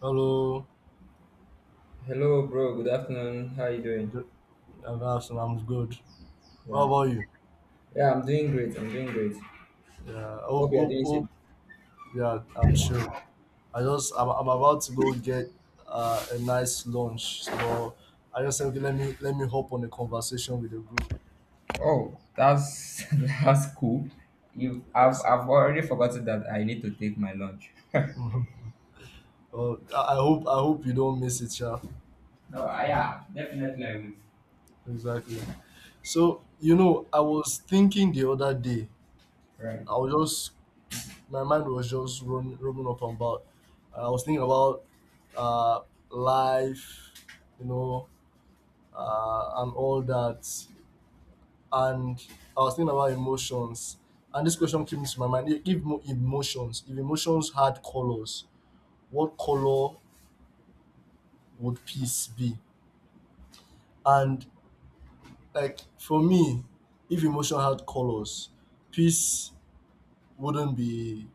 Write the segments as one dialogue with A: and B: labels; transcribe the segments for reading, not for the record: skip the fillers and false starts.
A: Hello,
B: Hello, bro. Good afternoon. How are you doing?
A: good, I'm good. What
B: Yeah,
A: about you?
B: yeah. I'm doing great. I'm doing great.
A: Yeah, hope,
B: Hope you are
A: hope,
B: doing
A: hope.
B: safe.
A: Yeah, I'm sure. I'm about to go get a nice lunch. So I just said, okay, let me hop on a conversation with the group.
B: Oh, that's that's cool. I've
A: Yes.
B: I've already forgotten that I need to take my lunch.
A: I hope you don't miss it, yeah.
B: No, yeah, definitely I will.
A: Exactly. So, I was thinking the other day.
B: Right.
A: I was just My mind was just roaming up and about. I was thinking about uh, life, you know, and all that. And I was thinking about emotions. And this question came to my mind: if emotions had colors, what color would peace be? And like for me, if emotion had colors, peace wouldn't be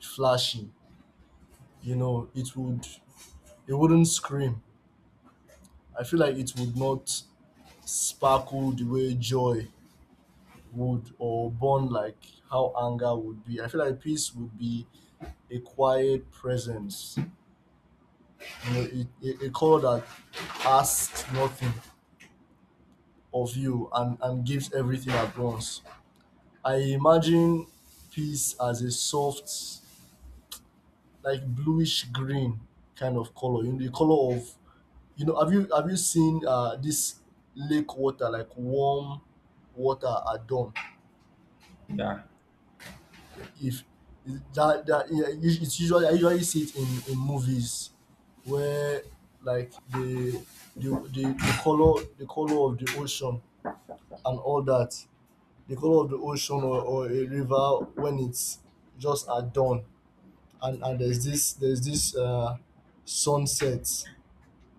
A: flashy. You know, it would, it wouldn't scream. I feel like it would not sparkle the way joy would or burn like how anger would be. I feel like peace would be a quiet presence, a call that asks nothing of you and gives everything at once. I imagine peace as a soft, like bluish green kind of color, the color of. Have you seen this lake water, like warm water at dawn?
B: Yeah.
A: If that that Yeah, us- it's usually I usually see it in movies, where like the color of the ocean and all that, the color of the ocean, or a river when it's just at dawn. And there's this sunset,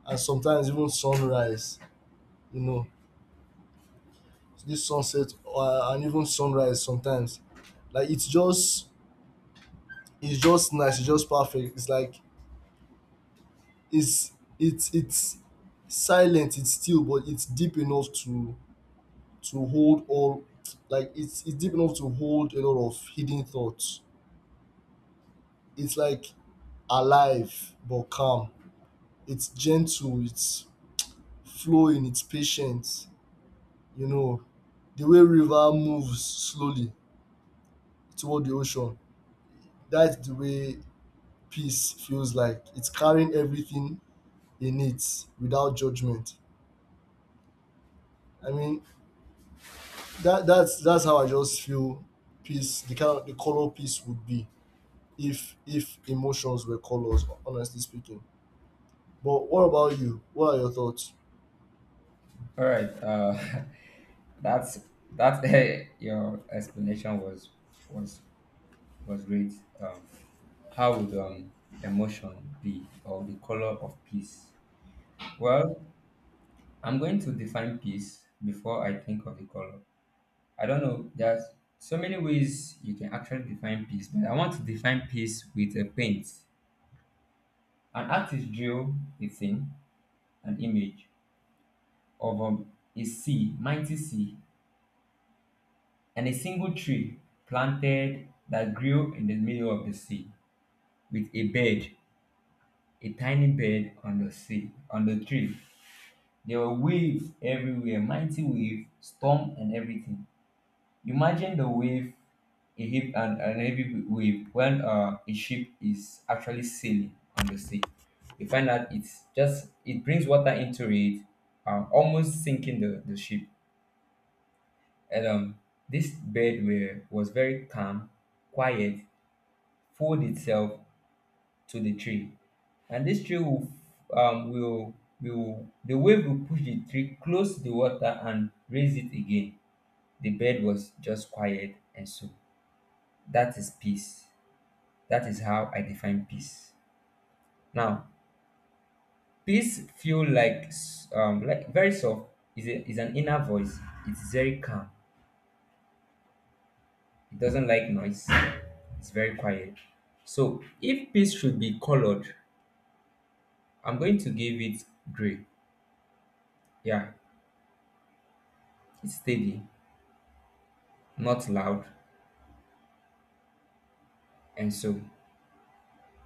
A: and sometimes even sunrise. You know, this sunset, and even sunrise sometimes, like it's just nice, it's just perfect, it's it's silent, it's still, but it's deep enough to hold all, like it's deep enough to hold a lot of hidden thoughts. It's like alive but calm, it's gentle, it's flowing, it's patient. You know, the way river moves slowly toward the ocean, that's the way peace feels, like it's carrying everything in it without judgment. I mean, that's how I just feel peace, the kind of the color peace would be if emotions were colors, honestly speaking. But what about you? What are your thoughts?
B: All right. That's that. Hey, your explanation was was great. Um, how would emotion be, or the color of peace? Well, I'm going to define peace before I think of the color. I don't know. There's so many ways you can actually define peace, but I want to define peace with a paint. An artist drew a thing, an image of a sea, mighty sea, and a single tree planted that grew in the middle of the sea with a bird, a tiny bird on the sea, on the tree. There were waves everywhere, mighty wave, storm and everything. Imagine the wave, a hip and an heavy wave when a ship is actually sailing on the sea. You find out it's just it brings water into it, almost sinking the ship. And this bird were, was very calm, quiet, fold itself to the tree, and this tree um, will will the wave will push the tree close to the water and raise it again. The bird was just quiet and so that is peace. That is how I define peace. Now, peace feel like like very soft. Is a, is an inner voice. It's very calm. It doesn't like noise. It's very quiet. So if peace should be colored, I'm going to give it gray. Yeah, it's steady, not loud, and so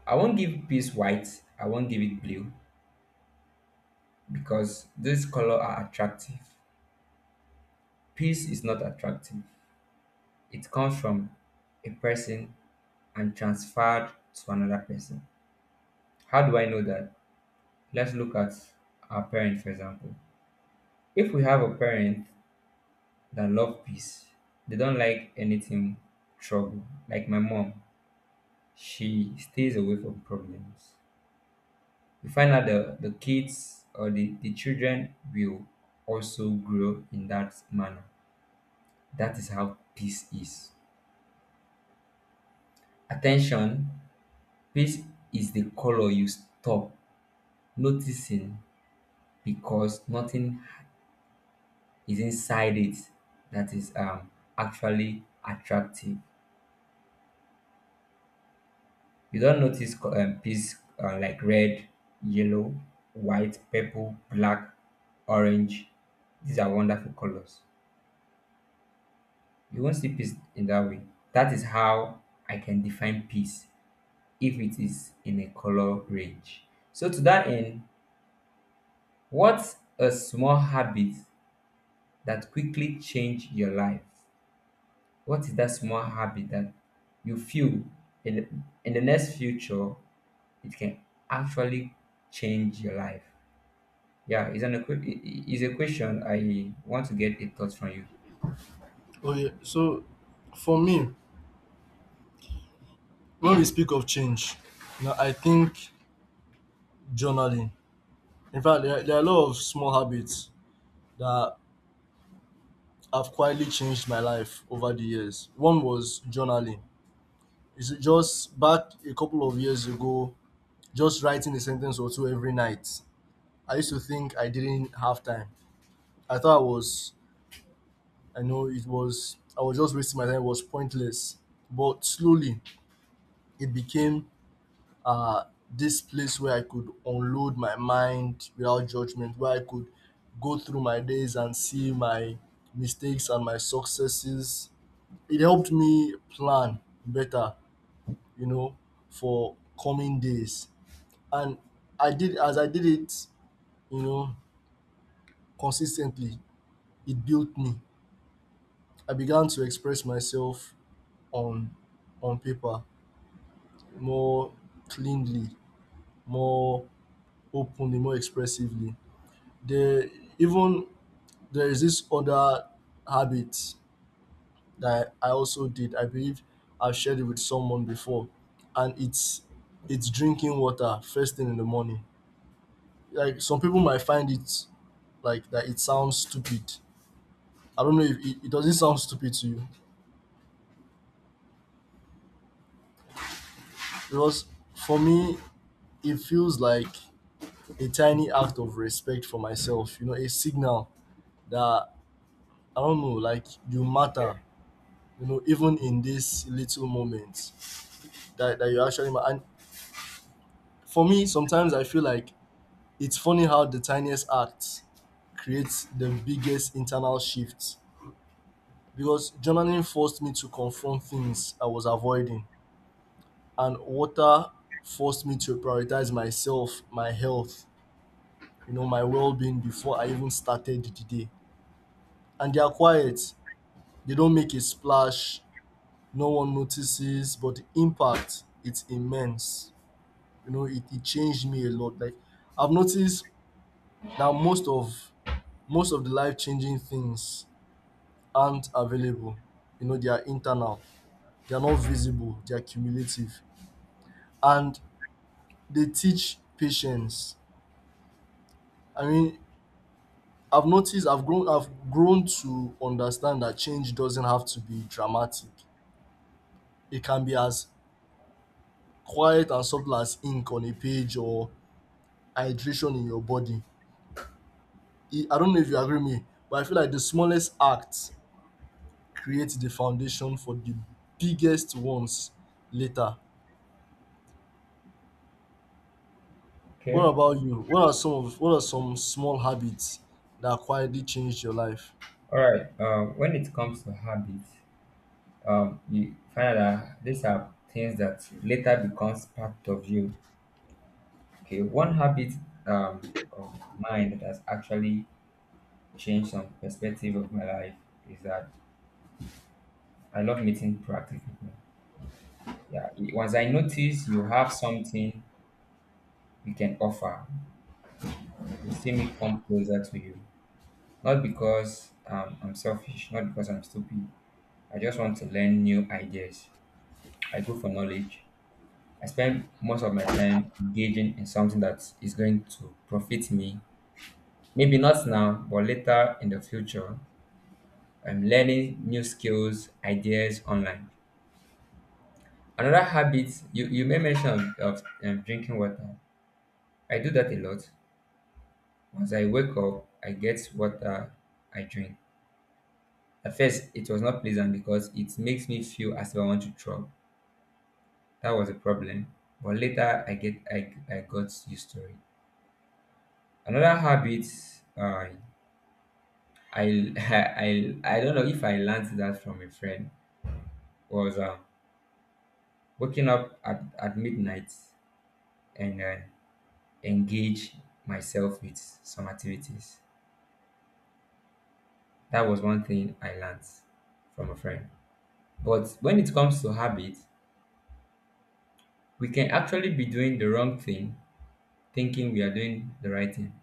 B: I won't give peace white. I won't give it blue because these color are attractive. Peace is not attractive. It comes from a person and transferred to another person. How do I know that? Let's look at our parent, for example. If we have a parent that love peace, they don't like anything trouble. Like my mom, she stays away from problems. We find out the kids or the children will also grow in that manner. That is how peace is. Attention, peace is the color you stop noticing because nothing is inside it that is actually attractive. You don't notice piece like red, yellow, white, purple, black, orange. These are wonderful colors. You won't see peace in that way. That is how I can define peace if it is in a color range. So, to that end, what's a small habit that quickly changed your life? What is that small habit that you feel in, the, in the next future it can actually change your life? Yeah, it's, an, equi- I- it's a question I want to get a thought from you.
A: Oh yeah. So for me, when we speak of change, now I think journaling. In fact, there are a lot of small habits that have quietly changed my life over the years. One was journaling. It's just back a couple of years ago, just writing a sentence or two every night. I used to think I didn't have time. I thought I was, I know it was, I was just wasting my time, it was pointless. But slowly, it became this place where I could unload my mind without judgment, where I could go through my days and see my mistakes and my successes. It helped me plan better, you know, for coming days. And as I did it, you know, consistently, it built me. I began to express myself on on paper more cleanly, more openly, more expressively. There even there is this other habit that I also did. I believe I've shared it with someone before, and it's drinking water first thing in the morning. Like some people might find it, like, that it sounds stupid. I don't know if it doesn't sound stupid to you, because for me it feels like a tiny act of respect for myself, you know, a signal that, I don't know, like you
B: Okay.
A: matter, you know, even in this little moment that you actually matter. And for me, sometimes I feel like it's funny how the tiniest act creates the biggest internal shift, because journaling forced me to confront things I was avoiding, and water forced me to prioritize myself, my health, my well being before I even started the day. And they are quiet. They don't make a splash, no one notices, but the impact, it's immense. It changed me a lot. Like I've noticed that most of the life changing things aren't available. They are internal, they are not visible, they are cumulative. And they teach patience. I mean, I've grown to understand that change doesn't have to be dramatic. It can be as quiet and subtle as ink on a page or hydration in your body. I don't know if you agree with me, but I feel like the smallest act creates the foundation for the biggest ones later. What
B: Okay.
A: about you? What are some small habits that quietly changed your life?
B: All right. When it comes to habits, you find that these are things that later becomes part of you. Okay. One habit um, of mine that has actually changed some perspective of my life is that I love meeting proactive people. Yeah, once I notice you have something you can offer, you see me come closer to you. Not because I'm selfish, not because I'm stupid. I just want to learn new ideas. I go for knowledge. I spend most of my time engaging in something that is going to profit me. Maybe not now, but later in the future. I'm learning new skills, ideas online. Another habit you, you may mention of, of drinking water. I do that a lot. Once I wake up, I get water I drink. At first, it was not pleasant because it makes me feel as if I want to throw up. That was a problem. But later, I got used to it. Another habit, uh, I, I don't know if I learned that from a friend was waking up at midnight and engage myself with some activities. That was one thing I learned from a friend. But when it comes to habit, we can actually be doing the wrong thing thinking we are doing the right thing,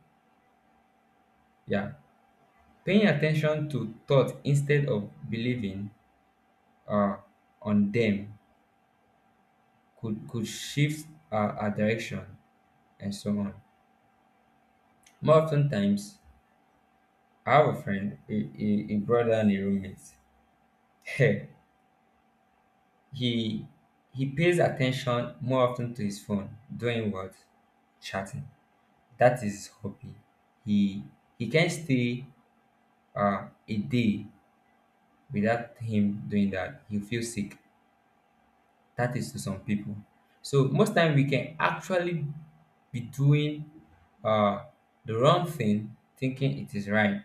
B: yeah, paying attention to thoughts instead of believing uh, on them could shift our direction and so on. More often times I have a friend, a brother and a roommate. he he pays attention more often to his phone doing what? Chatting. That is his hobby. he he can stay a day without him doing that, he'll feel sick. That is to some people. So most time we can actually be doing uh the wrong thing thinking it is right.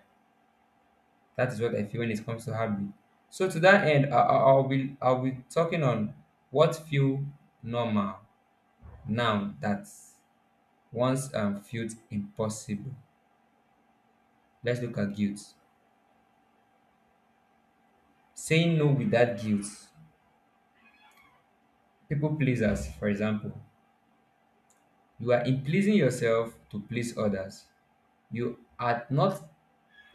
B: That is what I feel when it comes to habit. So to that end, I'll be talking on what feel normal now that once felt impossible. Let's look at guilt, saying no without guilt. People pleasers, for example, you are in pleasing yourself to please others. You are not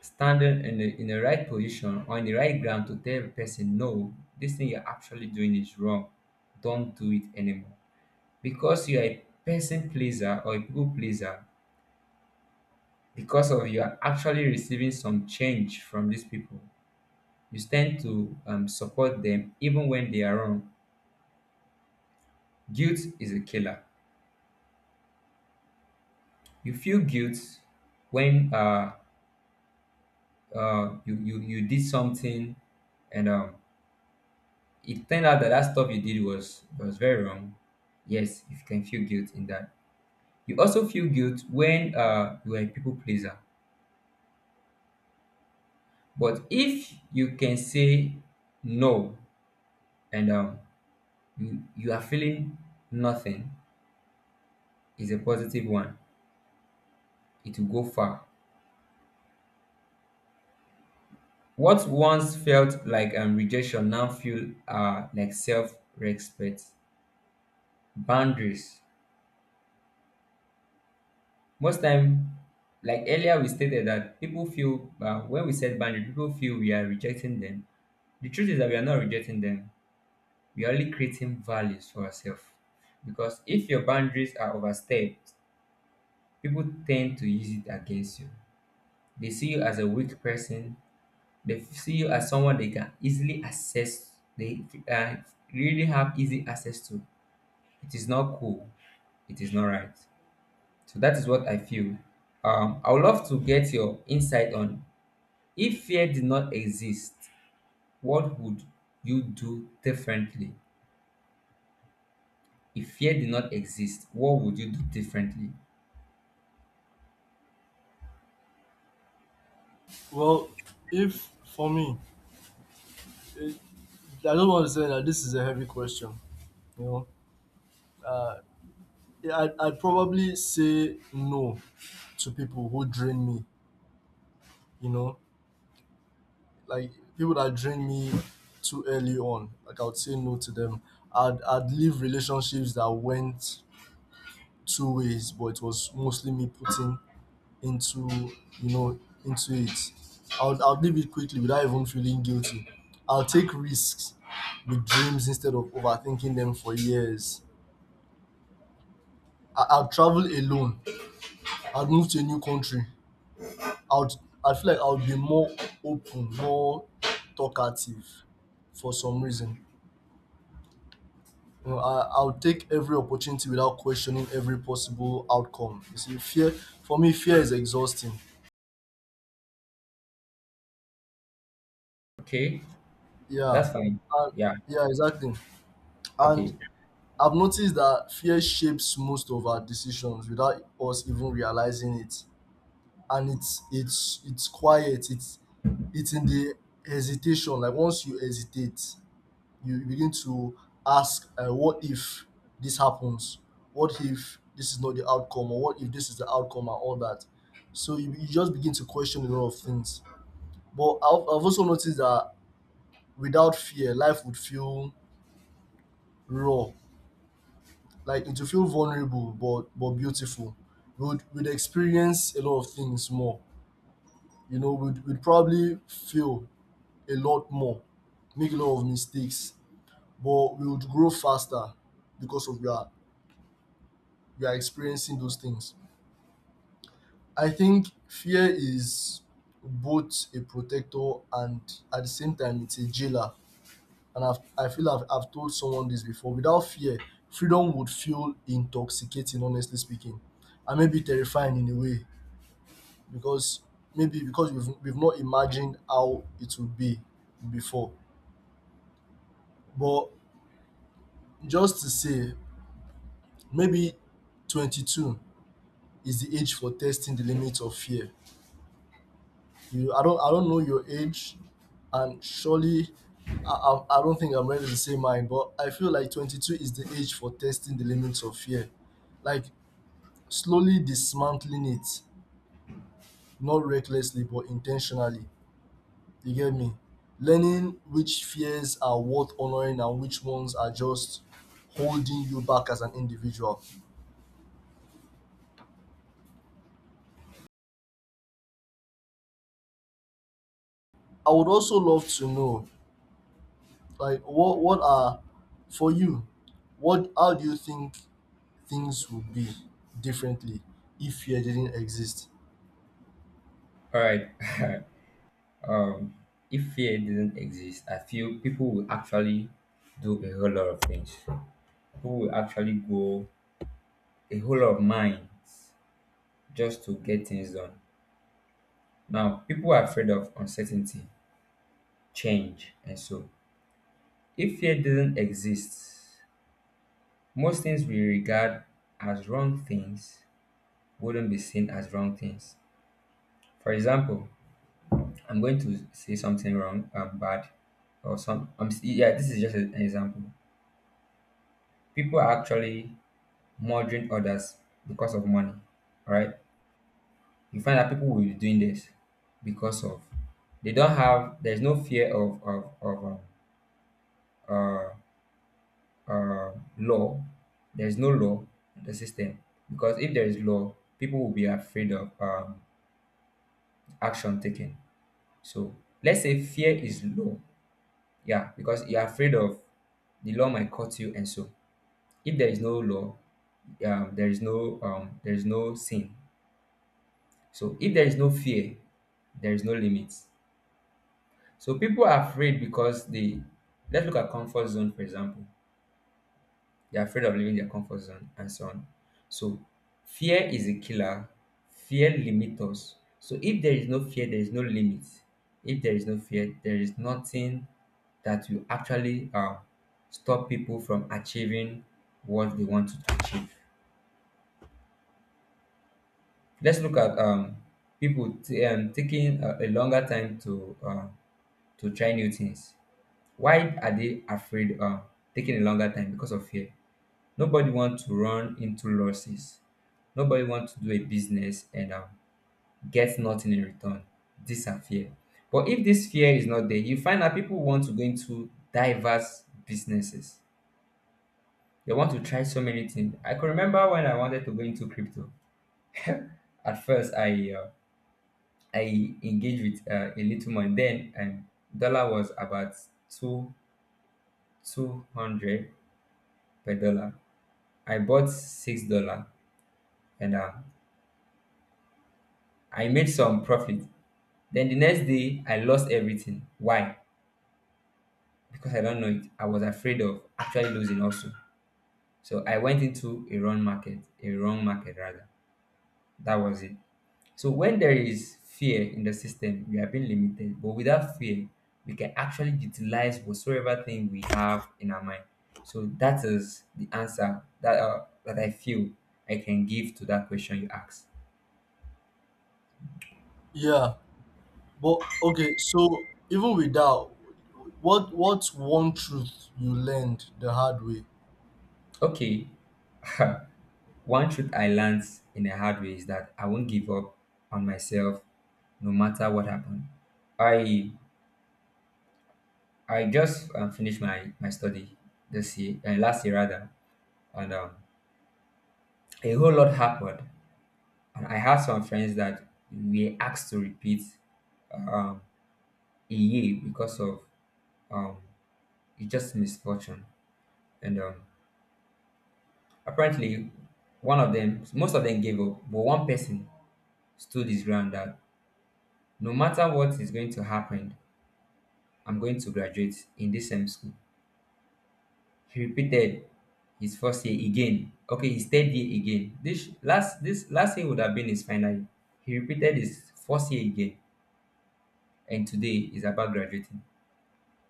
B: standing in in the right position or in the right ground to tell a person, no, this thing you're actually doing is wrong. Don't do it anymore. Because you are a person pleaser or a people pleaser, because of you are actually receiving some change from these people. You stand to support them even when they are wrong. Guilt is a killer. You feel guilt when you did something and it turned out that that stuff you did was very wrong. Yes, you can feel guilt in that. You also feel guilt when you are a people pleaser. But if you can say no and you are feeling nothing is a positive one, it will go far. What once felt like rejection now feel like self-respect, boundaries. Most time, like earlier we stated that people feel, when we set boundaries, people feel we are rejecting them. The truth is that we are not rejecting them. We are only creating values for ourselves. Because if your boundaries are overstepped, people tend to use it against you. They see you as a weak person. They see you as someone they can easily access. They uh, really have easy access to. It is not cool. It is not right. So that is what I feel. I would love to get your insight on: if fear did not exist, what would you do differently? If fear did not exist, what would you do differently?
A: Well, if for me, eh, I don't want to say that this is a heavy question. You know, Yeah, I'd probably say no to people who drain me. You know, like people that drain me too early on, like I would say no to them. I'd leave relationships that went two ways, but it was mostly me putting into you know into it. I would leave it quickly without even feeling guilty. I'll take risks with dreams instead of overthinking them for years. I'll travel alone. I would move to a new country. I'd I feel like I'll be more open, more talkative for some reason. I'll take every opportunity without questioning every possible outcome. You see, fear for me, fear is exhausting.
B: Okay,
A: Yeah,
B: that's fine.
A: and,
B: Yeah,
A: yeah, exactly. And
B: okay,
A: I've noticed that fear shapes most of our decisions without us even realizing it. And it's quiet. It's in the hesitation. Like once you hesitate, you begin to ask, what if this happens? What if this is not the outcome? Or what if this is the outcome and all that? So you just begin to question a lot of things. But I've also noticed that without fear, life would feel raw. Like it would feel vulnerable, but beautiful. We'd experience a lot of things more. We'd probably feel a lot more, make a lot of mistakes, but we would grow faster because of that you are experiencing those things. I think fear is both a protector and at the same time it's a jailer. And I've, I feel I've told someone this before. Without fear, freedom would feel intoxicating, honestly speaking, and maybe terrifying in a way, because maybe because we've not imagined how it would be before. But just to say, maybe 22 is the age for testing the limits of fear. You, I don't know your age, and surely, I don't think I'm ready to say mine. But I feel like 22 is the age for testing the limits of fear, like slowly dismantling it, not recklessly but intentionally. You get me? Learning which fears are worth honoring and which ones are just holding you back as an individual. I would also love to know, like, what are for you? What how do you think things would be differently if fear didn't exist?
B: all right. Um, if fear didn't exist, I feel people will actually do a whole lot of things. People will actually go a whole lot of minds just to get things done. Now, people are afraid of uncertainty, change, and so if fear didn't exist, most things we regard as wrong things wouldn't be seen as wrong things. For example, I'm going to say something wrong, bad or some. Yeah, this is just an example. People are actually murdering others because of money. All right, you find that people will be doing this because of they don't have. There's no fear of uh, uh, law. There's no law in the system, because if there is law, people will be afraid of action taken. So let's say fear is low. Yeah, because you're afraid of the law might cut you, and so if there is no law, there is no sin. So if there is no fear, there is no limits. So people are afraid because they, let's look at comfort zone for example. They're afraid of leaving their comfort zone and so on. So fear is a killer. Fear limits us. So if there is no fear, there is no limit. If there is no fear, there is nothing that will actually stop people from achieving what they want to achieve. Let's look at people taking a longer time to try new things. Why are they afraid taking a longer time? Because of fear. Nobody wants to run into losses. Nobody wants to do a business and get nothing in return. These are fear. But if this fear is not there, you find that people want to go into diverse businesses. They want to try so many things. I can remember when I wanted to go into crypto. At first, I engaged with a little money. Then dollar was about two two hundred per dollar. I bought $6 and I made some profit. Then the next day, I lost everything. Why? Because I don't know it. I was afraid of actually losing also. So I went into a wrong market rather. That was it. So when there is fear in the system, we are being limited. But without fear, we can actually utilize whatsoever thing we have in our mind. So that is the answer that that I feel I can give to that question you asked.
A: Yeah, but okay, so even with that, what's one truth you learned the hard way?
B: Okay. One truth I learned in a hard way is that I won't give up on myself no matter what happened. I I just finished my study this year, last year rather, and a whole lot happened. And I had some friends that we asked to repeat um, a year because of um, it's just misfortune. And apparently, most of them gave up, but one person stood his ground that no matter what is going to happen, I'm going to graduate in this same school. He repeated his first year again. Okay, his third year again. This last year would have been his final year. He repeated his first year again, and today is about graduating.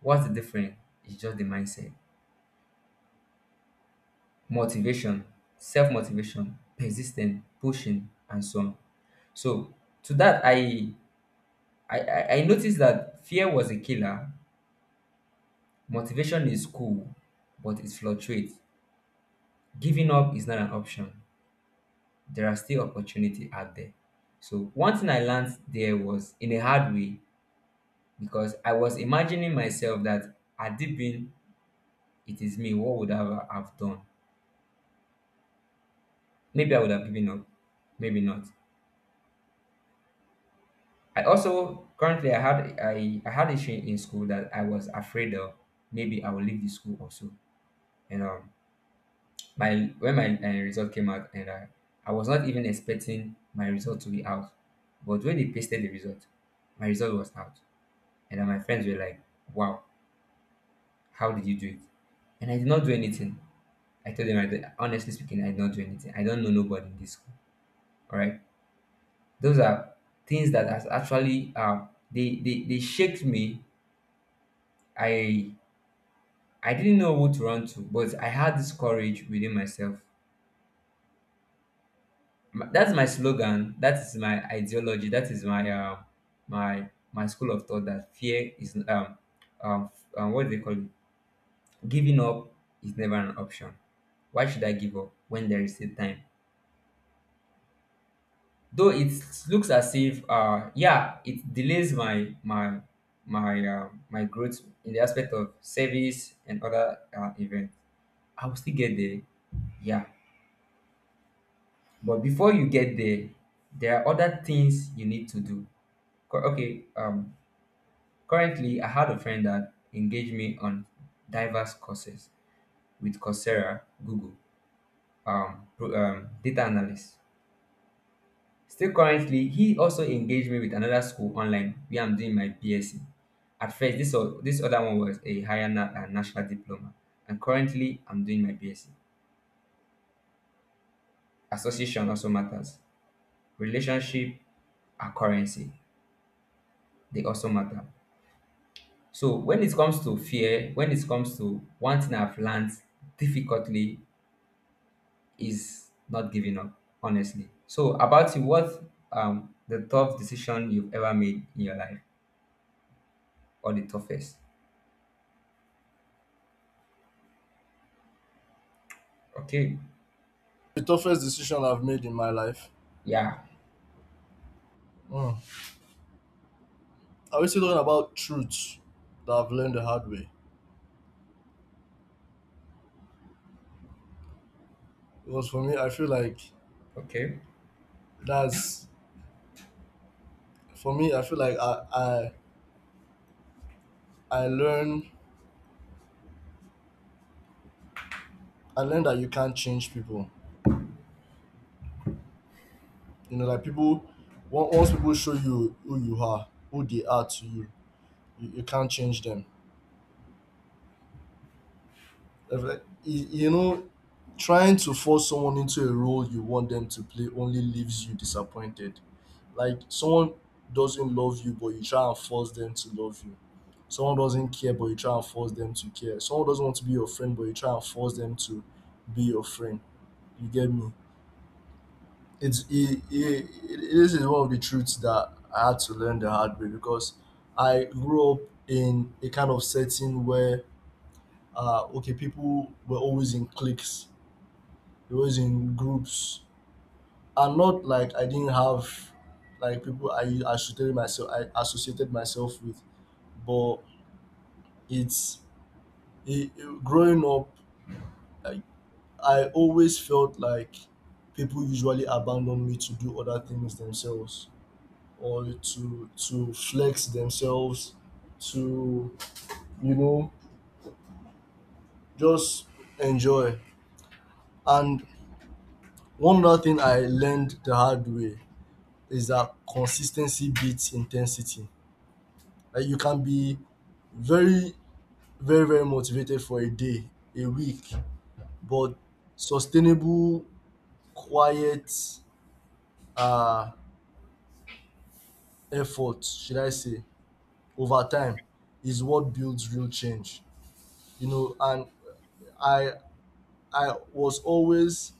B: What's the difference? It's just the mindset, motivation, self motivation, persistent, pushing, and so on. So to that, I noticed that fear was a killer. Motivation is cool, but it fluctuates. Giving up is not an option. There are still opportunity out there. So one thing I learned there was in a hard way because I was imagining myself that had it been it is me, what would I have done? Maybe I would have given up, maybe not. I also currently I had issue in school that I was afraid of. Maybe I will leave the school also. And my when my result came out, I was not even expecting my result to be out, but when they pasted the result, my result was out. And then my friends were like, wow, how did you do it? And I did not do anything. I told them, I did, honestly speaking, I did not do anything. I don't know nobody in this school. All right. Those are things that has actually, they shaked me. I, I didn't know what to run to, but I had this courage within myself. That's my slogan. That is my ideology. That is my, my school of thought that fear is, what do they call it? Giving up is never an option. Why should I give up when there is still time? Though it looks as if, yeah, it delays my growth in the aspect of service and other events. I will still get there, yeah. But before you get there, there are other things you need to do. Okay, currently I had a friend that engaged me on diverse courses with Coursera, Google, data analyst. Still currently, he also engaged me with another school online where I'm doing my BSc. At first, this other one was a higher national diploma, and currently, I'm doing my BSc. Association also matters. Relationship are currency, they also matter. So, when it comes to fear, when it comes to one thing I've learned difficultly is not giving up, honestly. So, about you, what the tough decision you've ever made in your life, or the toughest? Okay,
A: The toughest decision I've made in my life.
B: yeah.
A: Mm. Are we still talking about truths that I've learned the hard way? Because for me, I feel like
B: Okay.
A: that's for me. I feel like I learn I learned that you can't change people. Like people, once people show you who they are to you, you can't change them. If, like, trying to force someone into a role you want them to play only leaves you disappointed. Like someone doesn't love you, but you try and force them to love you. Someone doesn't care, but you try and force them to care. Someone doesn't want to be your friend, but you try and force them to be your friend. You get me? It's it, it, it, this is one of the truths that I had to learn the hard way, because I grew up in a kind of setting where okay, people were always in cliques, they were always in groups. And not like I didn't have, like, people I associated myself with. But it's growing up, I, I always felt like people usually abandon me to do other things themselves, or to flex themselves to you know just enjoy. And one other thing I learned the hard way is that consistency beats intensity. Like you can be very, very, very motivated for a day, a week, but sustainable, quiet uh, effort, should I say, over time is what builds real change. You know, and I I was always,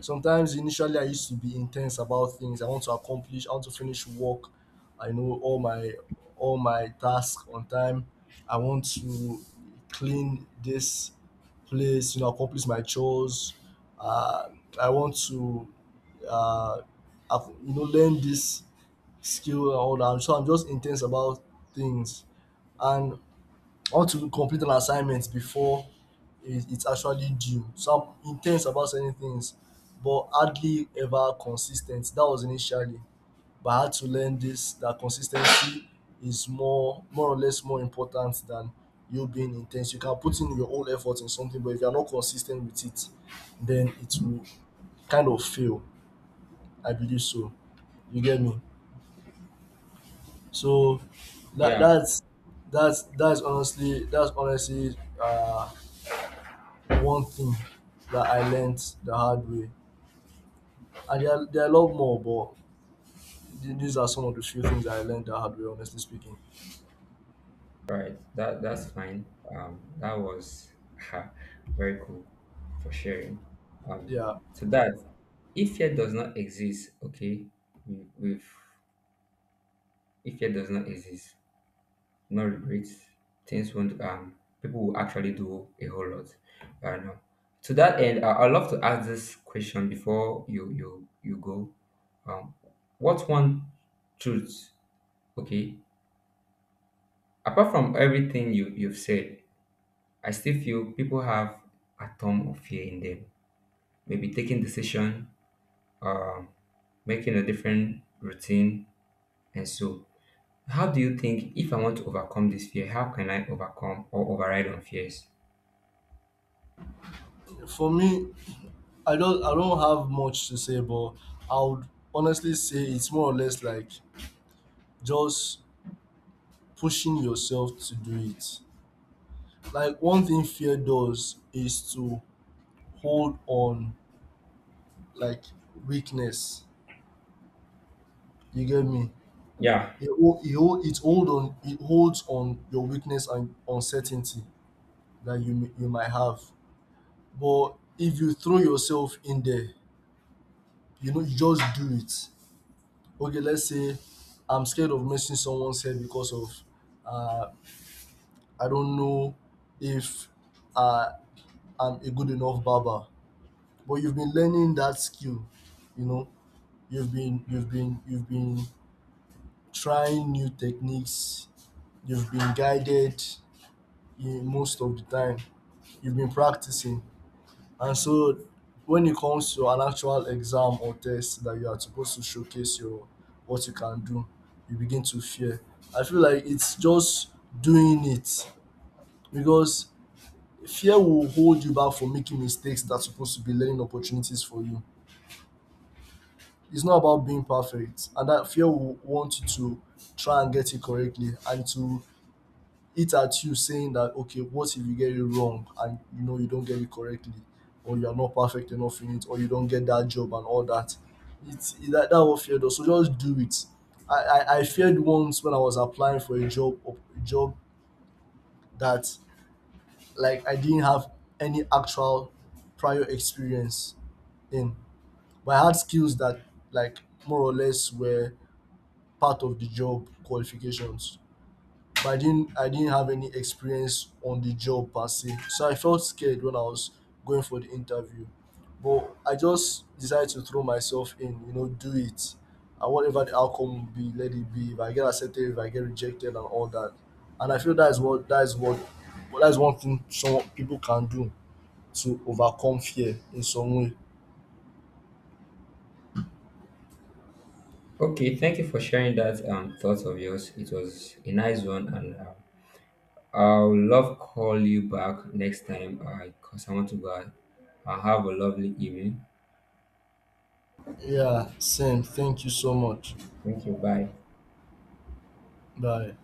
A: sometimes, initially, I used to be intense about things. I want to accomplish, I want to finish work. I know all my tasks on time. I want to clean this place, accomplish my chores. Uh, I want to, uh, learn this skill and all that. So I'm just intense about things, and I want to complete an assignment before it's actually due. So I'm intense about certain things, but hardly ever consistent. That was initially, but I had to learn this, that consistency is more, more or less, more important than you being intense. You can put in your whole effort in something, but if you're not consistent with it, then it will kind of fail. I believe so. You get me? So that
B: Yeah,
A: that's that's honestly one thing that I learned the hard way. And there are a lot more, but these are some of the few things that I learned the hard way, honestly speaking.
B: right. That that's fine. That was very cool for sharing. Um,
A: Yeah,
B: so that if fear does not exist, okay, we've if fear does not exist, no regrets, things won't people will actually do a whole lot. I know. To that end, I'd love to ask this question before you go. Um, what's one truth, okay, apart from everything you've said? I still feel people have atom of fear in them. Maybe taking decision, uh, making a different routine, and so. How do you think if I want to overcome this fear, how can I overcome or override on fears?
A: for me, I don't have much to say, but I would honestly say it's more or less like just pushing yourself to do it. Like one thing fear does is to hold on, like, weakness. You get me?
B: Yeah.
A: It holds on your weakness and uncertainty that you might have. But if you throw yourself in there, you just do it. Okay, let's say I'm scared of missing someone's head because of uh, I don't know if uh, I'm a good enough barber. But you've been learning that skill, you know. You've been trying new techniques. You've been guided in most of the time. You've been practicing. And so when it comes to an actual exam or test that you are supposed to showcase your what you can do, you begin to fear. I feel like it's just doing it, because fear will hold you back from making mistakes that's supposed to be learning opportunities for you. It's not about being perfect, and that fear will want you to try and get it correctly, and to it at you saying that, okay, what if you get it wrong and you know you don't get it correctly, or you're not perfect enough in it, or you don't get that job and all that. It's that, that was feared. Does so just do it. I feared once when I was applying for a job that like I didn't have any actual prior experience in, but I had skills that, like, more or less were part of the job qualifications, but I didn't have any experience on the job per se. So I felt scared when I was going for the interview. But I just decided to throw myself in, you know, do it. And whatever the outcome will be, let it be. If I get accepted, if I get rejected and all that. And I feel that is what well, that's one thing some people can do to overcome fear in some way.
B: Okay. Thank you for sharing that thoughts of yours. It was a nice one, and I'll love call you back next time. Cause I want to go. Out. Have a lovely evening.
A: Yeah, same. Thank you so much.
B: Thank you. Bye.
A: Bye.